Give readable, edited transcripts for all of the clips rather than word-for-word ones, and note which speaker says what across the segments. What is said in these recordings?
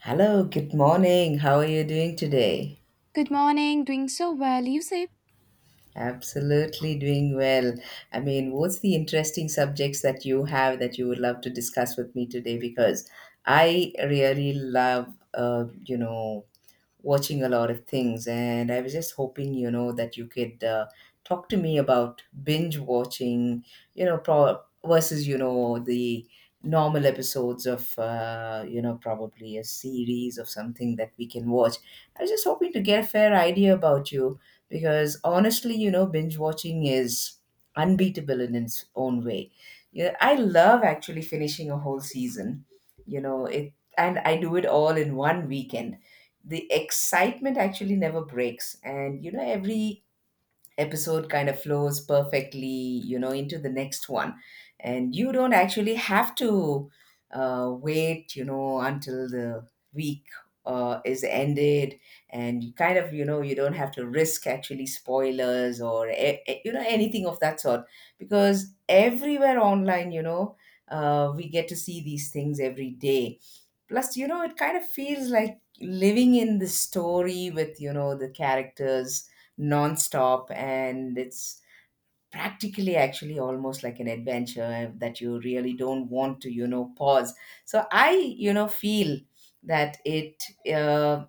Speaker 1: Hello, good morning. How are you doing today?
Speaker 2: Good morning, doing so well, you say?
Speaker 1: Absolutely doing well. I mean, what's the interesting subjects that you have that you would love to discuss with me today? Because I really love, watching a lot of things, and I was just hoping, that you could talk to me about binge watching, the normal episodes of, probably a series of something that we can watch. I was just hoping to get a fair idea about you because honestly, binge watching is unbeatable in its own way. Yeah, I love actually finishing a whole season. You know, it and I do it all in one weekend. The excitement actually never breaks, and every episode kind of flows perfectly into the next one, and you don't actually have to wait until the week is ended. And you kind of, you don't have to risk actually spoilers or anything of that sort, because everywhere online, we get to see these things every day. Plus, it kind of feels like living in the story with, the characters nonstop, and it's practically actually almost like an adventure, that you really don't want to, pause. So I feel that uh,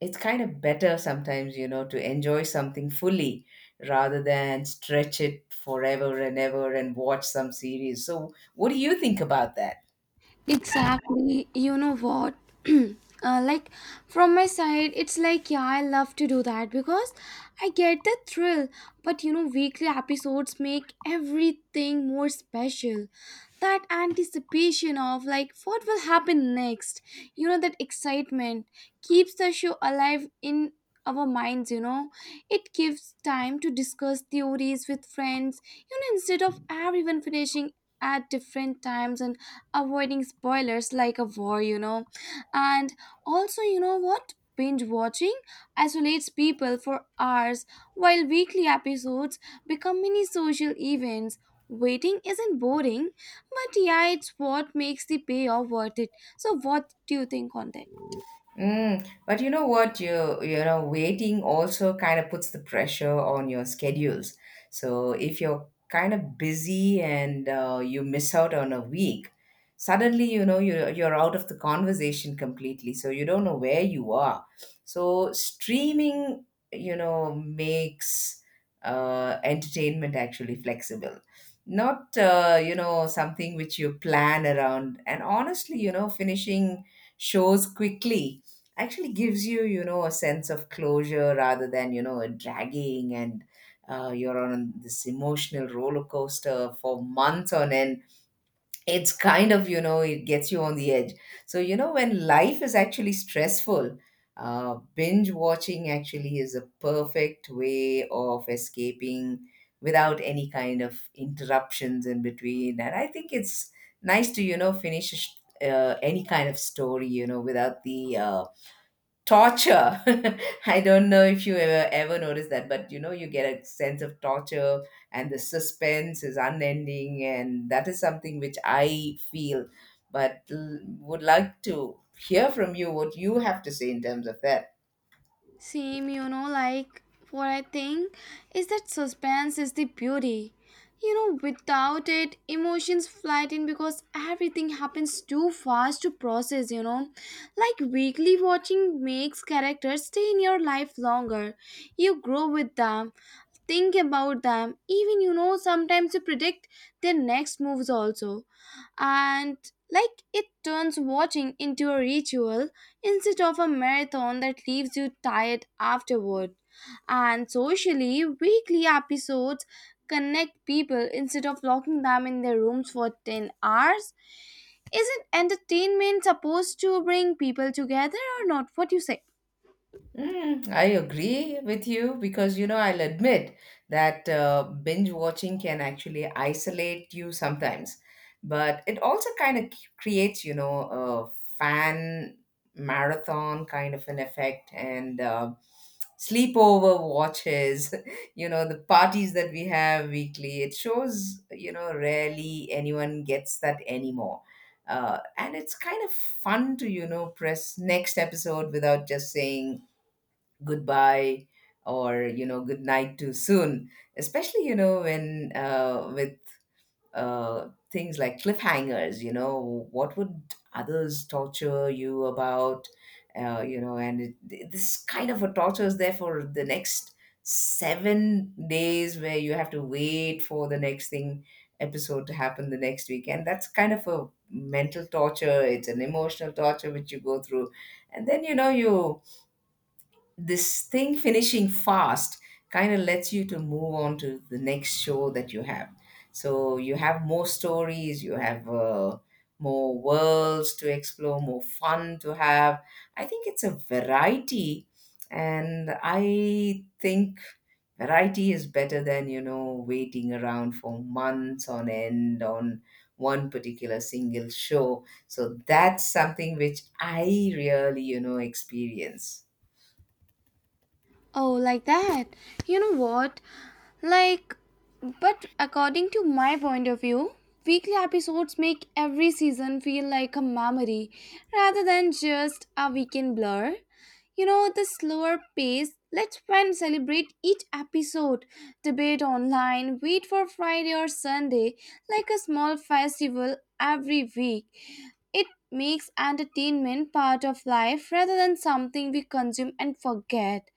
Speaker 1: it's kind of better sometimes, to enjoy something fully rather than stretch it forever and ever and watch some series. So what do you think about that?
Speaker 2: Exactly, you know what? uh, like, from my side, it's like, yeah, I love to do that because I get the thrill. But you know, weekly episodes make everything more special. That anticipation of, like, what will happen next, you know, that excitement keeps the show alive in our minds, you know. It gives time to discuss theories with friends, you know, instead of everyone finishing at different times and avoiding spoilers like a war, you know. And also, you know what? Binge watching isolates people for hours while weekly episodes become mini social events. Waiting isn't boring, but yeah, it's what makes the payoff worth it. So, what do you think on that?
Speaker 1: Mm, but you know what? Waiting also kind of puts the pressure on your schedules. So if you're kind of busy and you miss out on a week, suddenly you're out of the conversation completely. So you don't know where you are. So streaming, makes entertainment actually flexible. Not something which you plan around. And honestly, finishing shows quickly actually gives you, you know a sense of closure rather than, a dragging, and you're on this emotional roller coaster for months on end. It's kind of, it gets you on the edge. So, when life is actually stressful, binge watching actually is a perfect way of escaping without any kind of interruptions in between. And I think it's nice to, finish any kind of story, without the torture. I don't know if you ever noticed that, but you get a sense of torture, and the suspense is unending, and that is something which I feel. But would like to hear from you what you have to say in terms of that.
Speaker 2: Same, you know, like what I think is that suspense is the beauty. You know, without it, emotions flight in because everything happens too fast to process, you know. Like weekly watching makes characters stay in your life longer. You grow with them, think about them, even you know sometimes you predict their next moves also. And like it turns watching into a ritual instead of a marathon that leaves you tired afterward. And socially weekly episodes connect people instead of locking them in their rooms for 10 hours. Isn't entertainment supposed to bring people together or not? What do you say?
Speaker 1: Mm, I agree with you, because I'll admit that binge watching can actually isolate you sometimes, but it also kind of creates, a fan marathon kind of an effect, and sleepover watches. You know the parties that we have weekly. It shows rarely anyone gets that anymore. And it's kind of fun to, press next episode without just saying goodbye or, good night too soon, especially, you know when with things like cliffhangers, what would others torture you about, and this kind of a torture is there for the next 7 days, where you have to wait for the next thing episode to happen the next week. And that's kind of a mental torture, it's an emotional torture which you go through. And then you know you this thing finishing fast kind of lets you to move on to the next show that you have. So you have more stories, you have more worlds to explore, more fun to have. I think it's a variety, and I think variety is better than, waiting around for months on end on one particular single show. So that's something which I really, experience.
Speaker 2: Oh, like that, you know what? Like, but according to my point of view, weekly episodes make every season feel like a memory rather than just a weekend blur. You know, the slower pace lets fans celebrate each episode, debate online, wait for Friday or Sunday like a small festival every week. It makes entertainment part of life rather than something we consume and forget.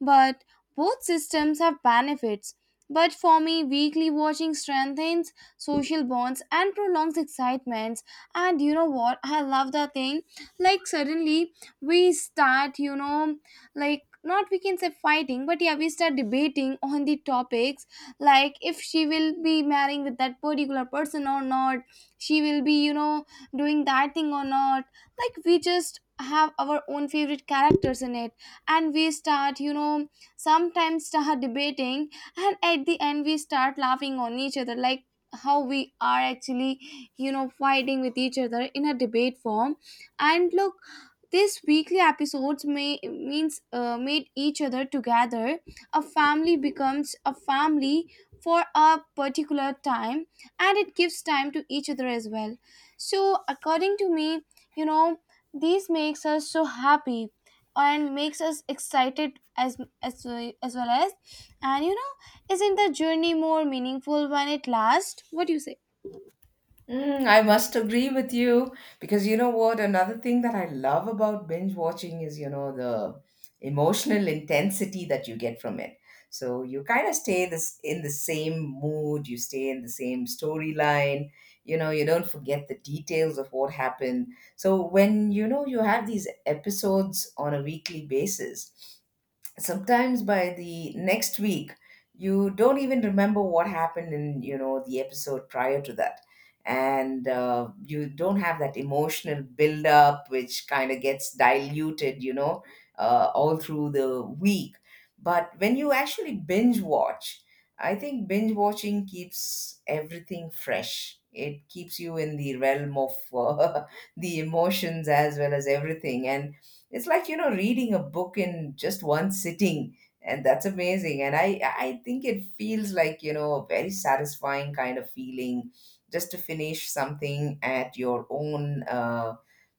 Speaker 2: But both systems have benefits. But for me, weekly watching strengthens social bonds and prolongs excitements. And you know what? I love that thing. Like, suddenly we start, you know, like, not we can say fighting, but yeah, we start debating on the topics like if she will be marrying with that particular person or not, she will be, you know, doing that thing or not. Like, we just have our own favorite characters in it, and we start, you know, sometimes start debating, and at the end we start laughing on each other like how we are actually, you know, fighting with each other in a debate form. And look, these weekly episodes may means made each other together, a family becomes a family for a particular time, and it gives time to each other as well. So according to me, you know, this makes us so happy and makes us excited as as well as. And you know, isn't the journey more meaningful when it lasts? What do you say?
Speaker 1: Mm, I must agree with you, because you know what? Another thing that I love about binge watching is, the emotional intensity that you get from it. So you kind of stay this in the same mood, you stay in the same storyline, you don't forget the details of what happened. So when, you have these episodes on a weekly basis, sometimes by the next week you don't even remember what happened in, the episode prior to that. And you don't have that emotional build up, which kind of gets diluted, all through the week. But when you actually binge watch, I think binge watching keeps everything fresh. It keeps you in the realm of, uh, the emotions, as well as everything. And it's like, reading a book in just one sitting, and that's amazing. And I think it feels like, a very satisfying kind of feeling, just to finish something at your own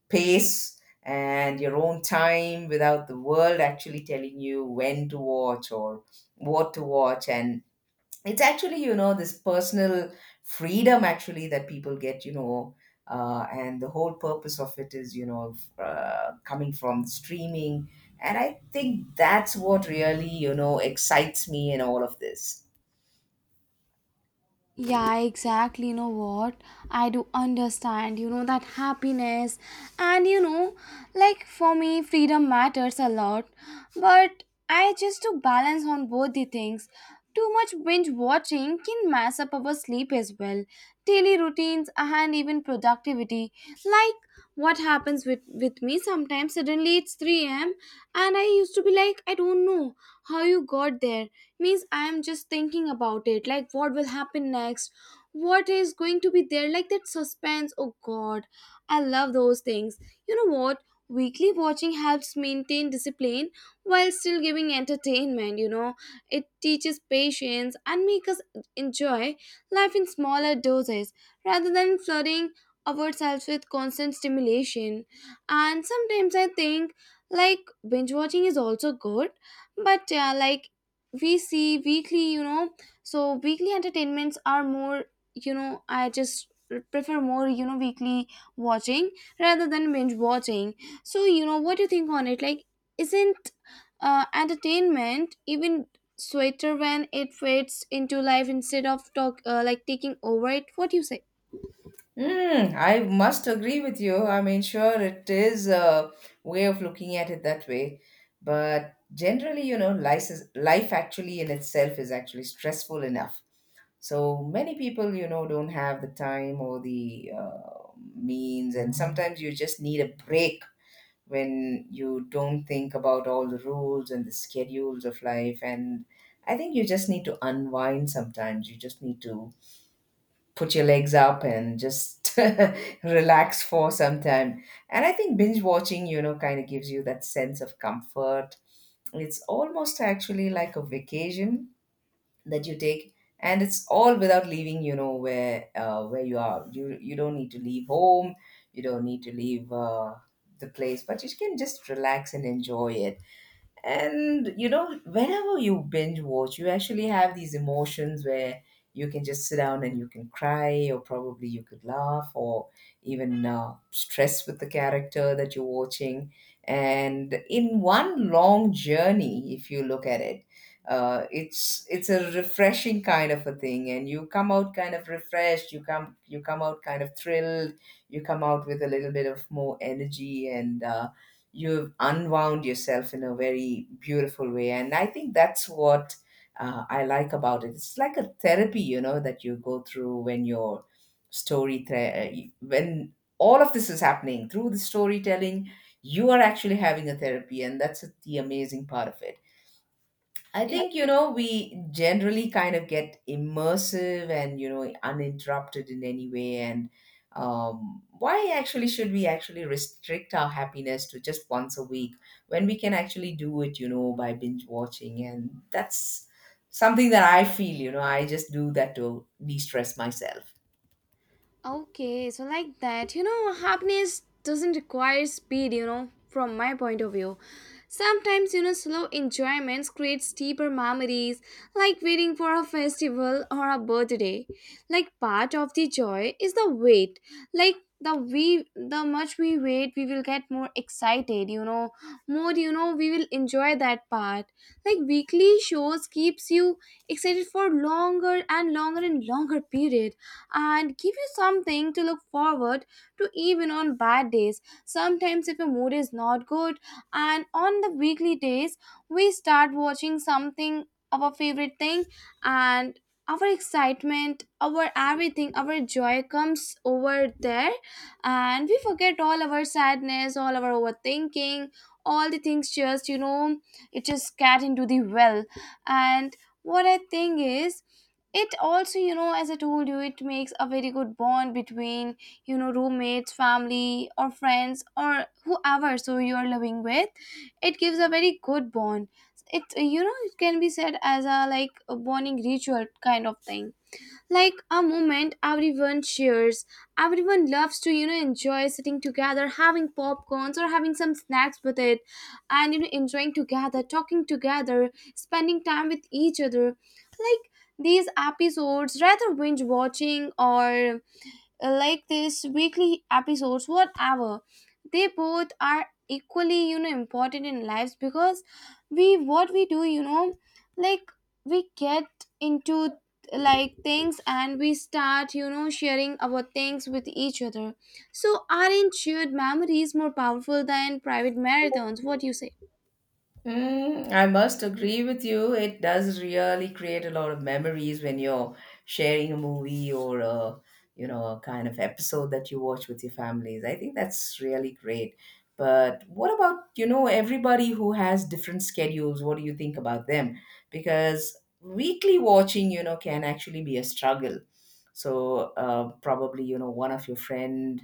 Speaker 1: pace and your own time, without the world actually telling you when to watch or what to watch. And it's actually, this personal freedom actually that people get, and the whole purpose of it is, coming from streaming. And I think that's what really, excites me in all of this.
Speaker 2: Yeah, exactly. You know what? I do understand, you know, that happiness. And, you know, like for me, freedom matters a lot. But I just do balance on both the things. Too much binge watching can mess up our sleep as well, daily routines, and even productivity. Like what happens with me sometimes, suddenly it's 3 a.m., and I used to be like, I don't know how you got there, means I'm just thinking about it like what will happen next, what is going to be there, like that suspense, oh god, I love those things. You know what, weekly watching helps maintain discipline while still giving entertainment, you know. It teaches patience and makes us enjoy life in smaller doses rather than flooding ourselves with constant stimulation. And sometimes I think like binge watching is also good, but yeah, like we see weekly, you know, so weekly entertainments are more, you know, I just prefer more, you know, weekly watching rather than binge watching. So you know what do you think on it, like isn't entertainment even sweeter when it fades into life instead of talk like taking over it? What do you say?
Speaker 1: Hmm, I must agree with you. I mean, sure, it is a way of looking at it that way, but generally, life actually in itself is actually stressful enough. So many people, don't have the time or the means, and sometimes you just need a break, when you don't think about all the rules and the schedules of life. And I think you just need to unwind sometimes. You just need to put your legs up and just relax for some time. And I think binge watching, kind of gives you that sense of comfort. It's almost actually like a vacation that you take, and it's all without leaving, where you are. You you don't need to leave home, you don't need to leave the place, but you can just relax and enjoy it. And, you know, whenever you binge watch, you actually have these emotions where you can just sit down and you can cry, or probably you could laugh, or even stress with the character that you're watching. And in one long journey, if you look at it, it's a refreshing kind of a thing, and you come out kind of refreshed. You come out kind of thrilled. You come out with a little bit of more energy. And. You've unwound yourself in a very beautiful way, and I think that's what, I like about it. It's like a therapy, that you go through. When your story thre- when all of this is happening through the storytelling, you are actually having a therapy, and that's the amazing part of it. I think, we generally kind of get immersive and, uninterrupted in any way. And why actually should we actually restrict our happiness to just once a week, when we can actually do it, by binge watching? And that's something that I feel, I just do that to de stress myself.
Speaker 2: Okay, so like that, you know, happiness doesn't require speed, you know, from my point of view. Sometimes, you know, slow enjoyments creates deeper memories, like waiting for a festival or a birthday. Like part of the joy is the wait, like the much we wait we will get more excited, you know, more, you know, we will enjoy that part. Like weekly shows keeps you excited for longer and longer and longer period and give you something to look forward to, even on bad days, sometimes if your mood is not good, and on the weekly days we start watching something, our favorite thing, and our excitement, our everything, our joy comes over there, and we forget all our sadness, all our overthinking, all the things, just you know it just get into the well. And what I think is, it also, you know, as I told you, it makes a very good bond between, you know, roommates, family or friends, or whoever so you are living with. It gives a very good bond. It, you know, it can be said as a like a bonding ritual kind of thing, like a moment everyone shares. Everyone loves to, you know, enjoy sitting together, having popcorns or having some snacks with it, and you know, enjoying together, talking together, spending time with each other. Like these episodes, rather binge watching or like this weekly episodes whatever, they both are equally, you know, important in lives, because we what we do you know, like we get into like things, and we start, you know, sharing our things with each other. So aren't shared memories more powerful than private marathons? What do you say?
Speaker 1: Mm, I must agree with you. It does really create a lot of memories when you're sharing a movie or a kind of episode that you watch with your families. I think that's really great. But what about, everybody who has different schedules? What do you think about them? Because weekly watching, can actually be a struggle. So probably, one of your friend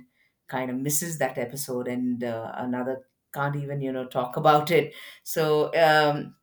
Speaker 1: kind of misses that episode, and another can't even, talk about it. So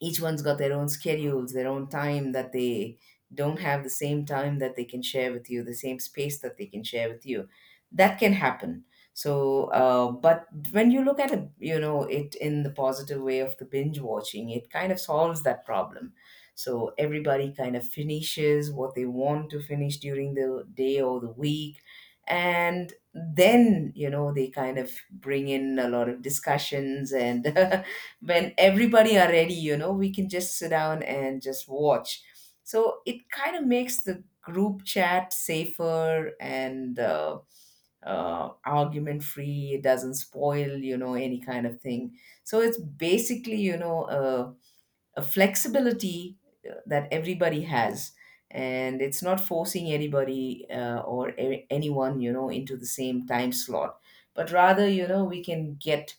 Speaker 1: each one's got their own schedules, their own time, that they don't have the same time that they can share with you, the same space that they can share with you. That can happen. So, but when you look at it, it in the positive way of the binge watching, it kind of solves that problem. So everybody kind of finishes what they want to finish during the day or the week, and then they kind of bring in a lot of discussions and when everybody are ready, we can just sit down and just watch. So it kind of makes the group chat safer and argument free. It doesn't spoil, any kind of thing. So it's basically, a flexibility that everybody has. And it's not forcing anybody or anyone, into the same time slot, but rather, we can get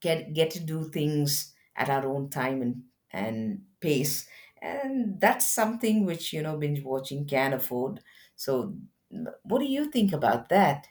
Speaker 1: get get to do things at our own time and pace. And that's something which, binge watching can afford. So what do you think about that?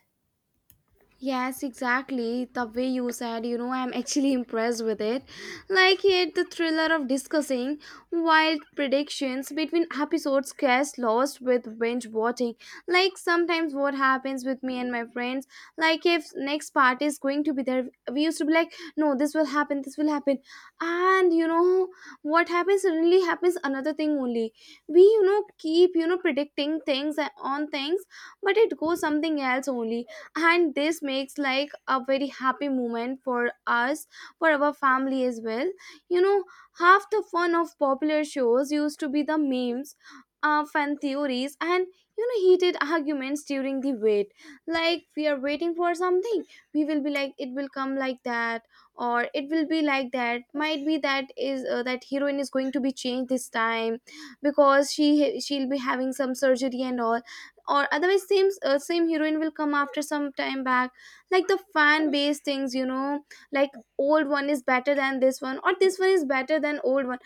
Speaker 2: Yes, exactly. The way you said, you know, I'm actually impressed with it. Like here, the thriller of discussing wild predictions between episodes gets lost with binge watching. Like sometimes what happens with me and my friends, like if next part is going to be there, we used to be like, no, this will happen, and you know what happens, suddenly happens another thing only. We, you know, keep, you know, predicting things on things, but it goes something else only, and this makes like a very happy moment for us, for our family as well, you know. Half the fun of popular shows used to be the memes, fan theories, and you know, heated arguments during the wait. Like we are waiting for something, we will be like it will come like that, or it will be like that, might be that is that heroine is going to be changed this time because she'll be having some surgery and all, or otherwise same heroine will come after some time back, like the fan base things, you know. Like old one is better than this one, or this one is better than old one.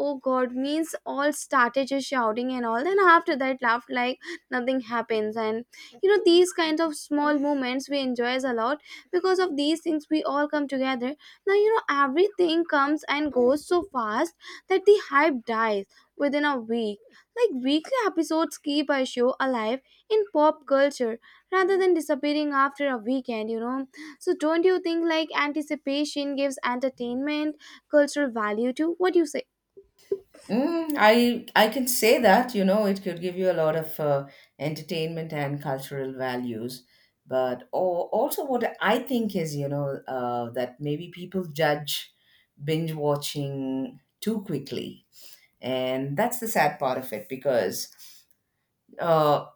Speaker 2: Oh god, means all started just shouting and all, then after that laughed like nothing happens. And you know these kinds of small moments we enjoys a lot, because of these things we all come together. Now you know everything comes and goes so fast that the hype dies within a week. Like weekly episodes keep our show alive in pop culture rather than disappearing after a weekend, you know. So don't you think like anticipation gives entertainment cultural value too? What do you say?
Speaker 1: Mm, I can say that, you know, it could give you a lot of entertainment and cultural values. But or, also, what I think is, you know, that maybe people judge binge watching too quickly. And that's the sad part of it. Because uh,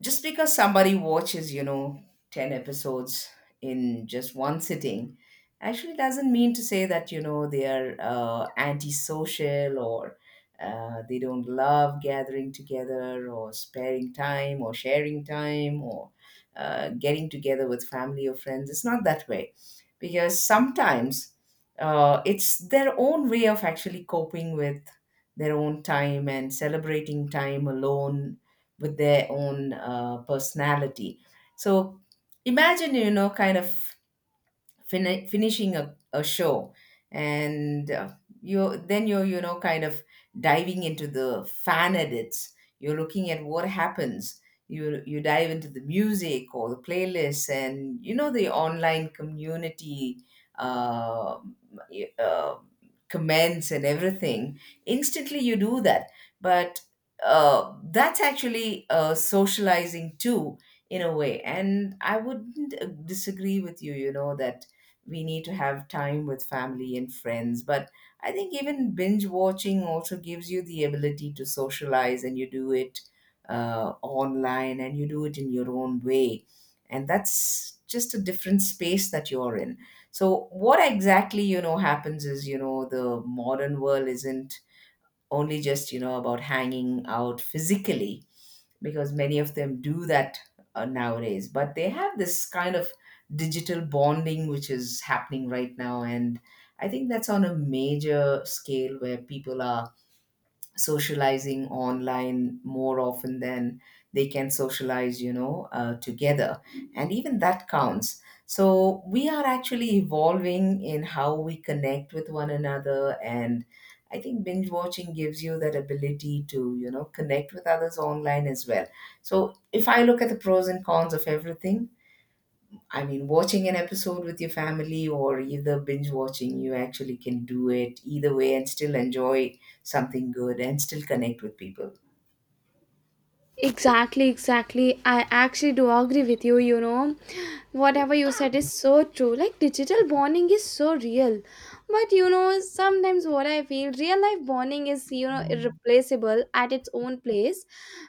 Speaker 1: just because somebody watches, you know, 10 episodes in just one sitting, actually doesn't mean to say that, you know, they are antisocial or they don't love gathering together or sparing time or sharing time or getting together with family or friends. It's not that way, because sometimes it's their own way of actually coping with their own time and celebrating time alone with their own personality. So imagine, you know, kind of finishing a show and you then you're, you know, kind of diving into the fan edits, you're looking at what happens, you dive into the music or the playlists and, you know, the online community uh, uh, comments and everything, instantly you do that. But that's actually socializing too, in a way. And I wouldn't disagree with you, you know, that we need to have time with family and friends. But I think even binge watching also gives you the ability to socialize, and you do it online, and you do it in your own way. And that's just a different space that you're in. So what exactly, you know, happens is, you know, the modern world isn't only just, you know, about hanging out physically, because many of them do that nowadays. But they have this kind of digital bonding which is happening right now, and I think that's on a major scale where people are socializing online more often than they can socialize, you know, together. And even that counts. So we are actually evolving in how we connect with one another. And I think binge watching gives you that ability to, you know, connect with others online as well. So if I look at the pros and cons of everything, I mean, watching an episode with your family or either binge watching, you actually can do it either way and still enjoy something good and still connect with people.
Speaker 2: Exactly, exactly. I actually do agree with you, you know. Whatever you said is so true. Like digital bonding is so real. But you know, sometimes what I feel, real life bonding is, you know, irreplaceable at its own place.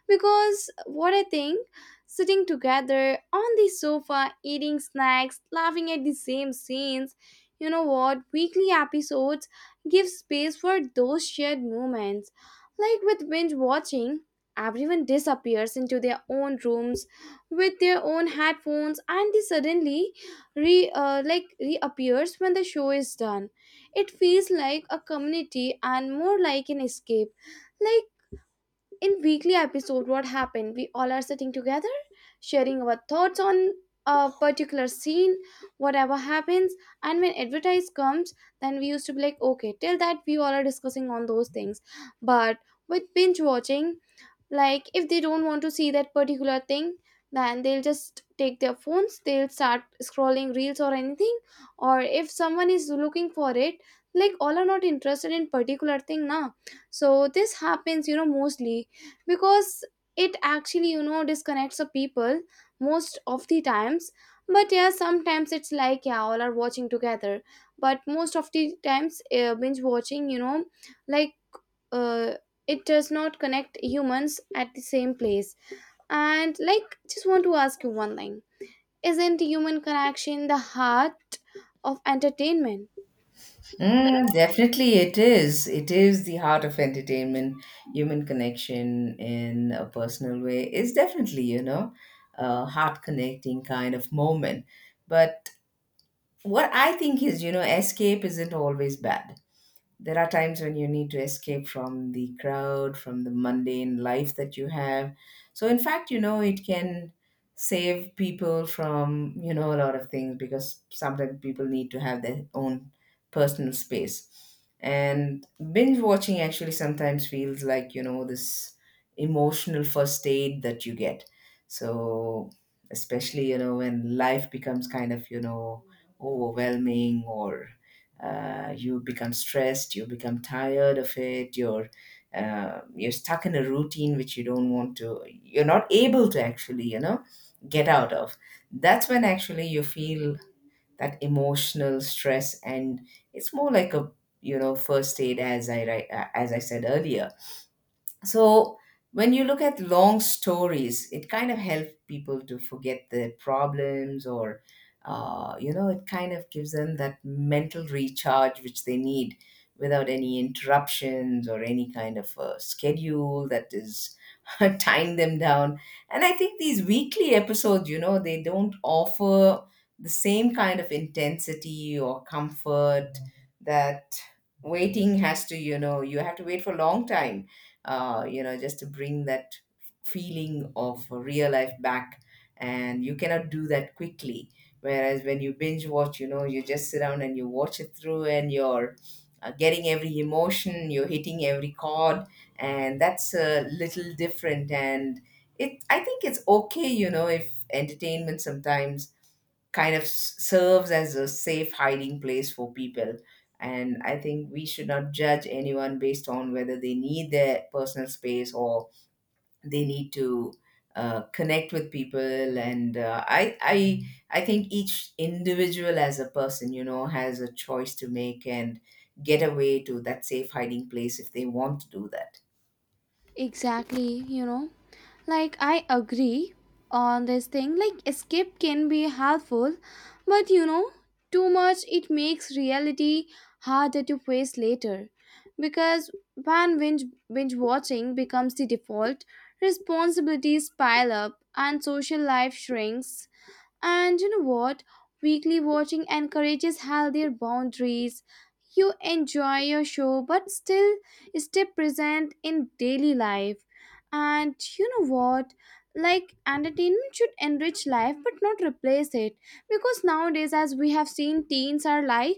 Speaker 2: Because what I think, sitting together on the sofa, eating snacks, laughing at the same scenes, you know what, weekly episodes give space for those shared moments. Like with binge watching, everyone disappears into their own rooms with their own headphones, and they suddenly like reappears when the show is done. It feels like a community and more like an escape. Like in weekly episode what happened? We all are sitting together sharing our thoughts on a particular scene, whatever happens, and when advertise comes, then we used to be like, okay, till that we all are discussing on those things. But with binge watching, like if they don't want to see that particular thing, then they'll just take their phones, they'll start scrolling reels or anything, or if someone is looking for it, like all are not interested in particular thing now. So this happens, you know, mostly because it actually, you know, disconnects the people most of the times. But yeah, sometimes it's like yeah all are watching together, but most of the times binge watching, you know, like uh, it does not connect humans at the same place. And like, just want to ask you one thing: isn't human connection the heart of entertainment?
Speaker 1: Mm, definitely, it is. It is the heart of entertainment. Human connection in a personal way is definitely, you know, a heart connecting kind of moment. But what I think is, you know, escape isn't always bad. There are times when you need to escape from the crowd, from the mundane life that you have. So, in fact, you know, it can save people from, you know, a lot of things, because sometimes people need to have their own personal space. And binge watching actually sometimes feels like, you know, this emotional first aid that you get. So, especially, you know, when life becomes kind of, you know, overwhelming or you become stressed, you become tired of it, you're stuck in a routine which you don't want to, you're not able to actually, you know, get out of. That's when actually you feel that emotional stress, and it's more like a, you know, first aid, as as I said earlier. So when you look at long stories, it kind of helps people to forget their problems or you know, it kind of gives them that mental recharge which they need without any interruptions or any kind of schedule that is tying them down. And I think these weekly episodes, you know, they don't offer the same kind of intensity or comfort that waiting has to, you know, you have to wait for a long time you know, just to bring that feeling of real life back. And you cannot do that quickly. Whereas when you binge watch, you know, you just sit down and you watch it through, and you're getting every emotion, you're hitting every chord, and that's a little different. And I think it's okay, you know, if entertainment sometimes kind of serves as a safe hiding place for people. And I think we should not judge anyone based on whether they need their personal space or they need to connect with people. And I think each individual as a person, you know, has a choice to make and get away to that safe hiding place if they want to do that.
Speaker 2: Exactly, you know. Like, I agree on this thing, like escape can be helpful, but you know too much it makes reality harder to face later. Because when binge watching becomes the default, responsibilities pile up and social life shrinks. And you know what? Weekly watching encourages healthier boundaries. You enjoy your show but still stay present in daily life. And you know what? Like entertainment should enrich life but not replace it. Because nowadays, as we have seen, teens are like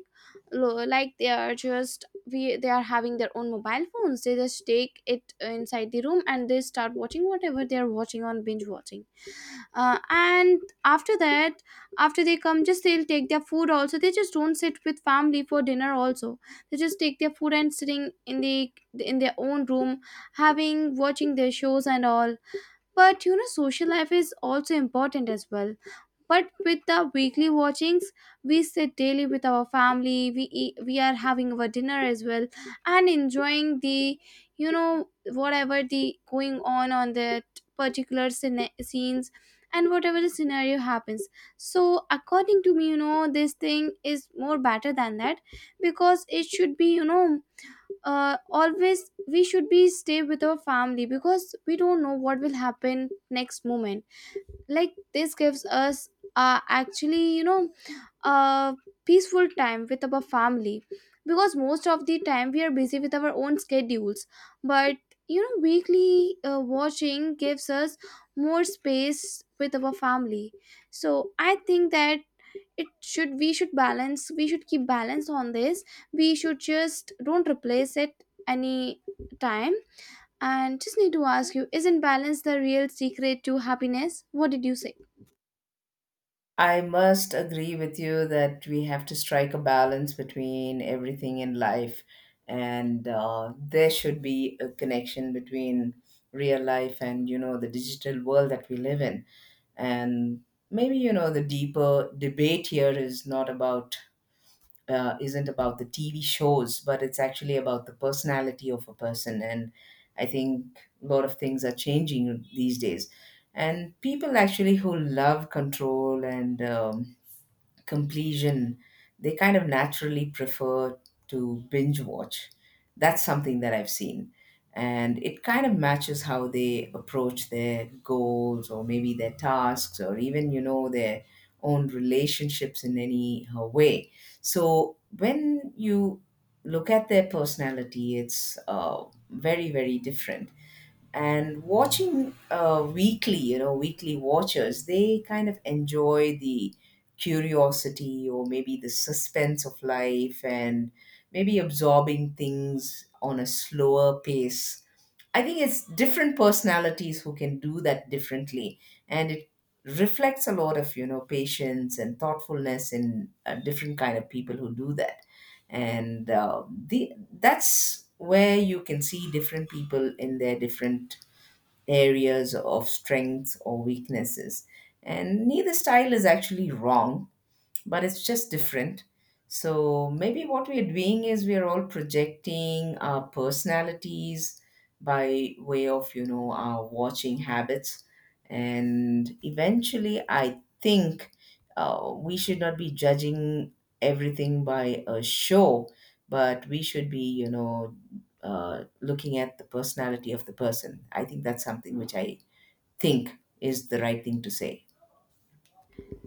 Speaker 2: like they are just we they are having their own mobile phones. They just take it inside the room and they start watching whatever they are watching on binge watching. And after that, after they come, just they'll take their food also, they just don't sit with family for dinner also. They just take their food and sitting in the in their own room, having watching their shows and all. But you know, social life is also important as well. But with the weekly watchings, we sit daily with our family. We eat, we are having our dinner as well and enjoying the, you know, whatever the going on that particular scenes and whatever the scenario happens. So according to me, you know, this thing is more better than that, because it should be, you know, always we should be stay with our family, because we don't know what will happen next moment. Like this gives us, actually, you know, a peaceful time with our family, because most of the time we are busy with our own schedules. But you know, weekly watching gives us more space with our family. So I think that it should, we should balance, we should keep balance on this. We should just don't replace it any time. And just need to ask you, isn't balance the real secret to happiness? What did you say?
Speaker 1: I must agree with you that we have to strike a balance between everything in life, and there should be a connection between real life and, you know, the digital world that we live in. And maybe, you know, the deeper debate here is not about isn't about the TV shows, but it's actually about the personality of a person. And I think a lot of things are changing these days. And people actually who love control and completion, they kind of naturally prefer to binge watch. That's something that I've seen. And it kind of matches how they approach their goals or maybe their tasks or even, you know, their own relationships in any way. So when you look at their personality, it's very, very different. And watching weekly you know weekly watchers, they kind of enjoy the curiosity or maybe the suspense of life, and maybe absorbing things on a slower pace. I think it's different personalities who can do that differently, and it reflects a lot of, you know, patience and thoughtfulness in different kind of people who do that. And the that's where you can see different people in their different areas of strengths or weaknesses, and neither style is actually wrong, but it's just different. So maybe what we're doing is we're all projecting our personalities by way of, you know, our watching habits. And eventually, I think we should not be judging everything by a show, but we should be, you know, looking at the personality of the person. I think that's something which I think is the right thing to say.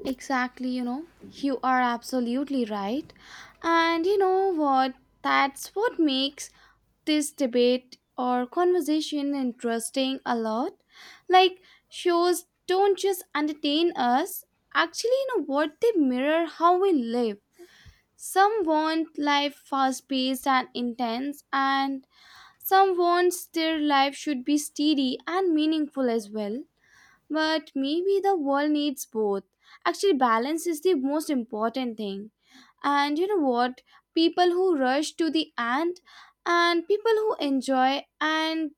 Speaker 2: Exactly, you know, you are absolutely right. And you know what? That's what makes this debate or conversation interesting a lot. Like, shows don't just entertain us, actually, you know what? They mirror how we live. Some want life fast paced and intense, and some wants their life should be steady and meaningful as well. But maybe the world needs both. Actually, balance is the most important thing. And you know what? People who rush to the end and people who enjoy and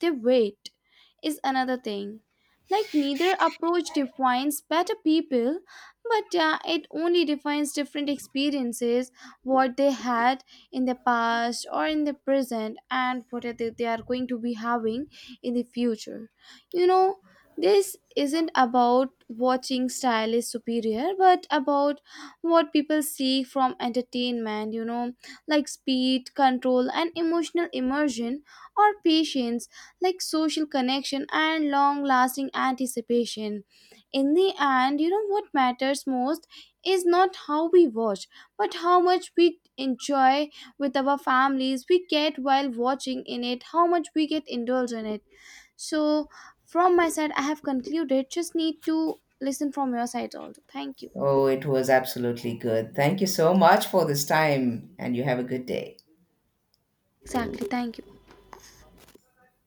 Speaker 2: they wait is another thing. Like, neither approach defines better people, but it only defines different experiences, what they had in the past or in the present, and what are they, are going to be having in the future. You know, this isn't about watching style is superior, but about what people seek from entertainment, you know, like speed, control, and emotional immersion, or patience, like social connection and long lasting anticipation. In the end, you know, what matters most is not how we watch, but how much we enjoy with our families, we get while watching in it, how much we get indulged in it. So, from my side, I have concluded. Just need to listen from your side also. Thank you.
Speaker 1: Oh, it was absolutely good. Thank you so much for this time, and you have a good day.
Speaker 2: Exactly. Thank you.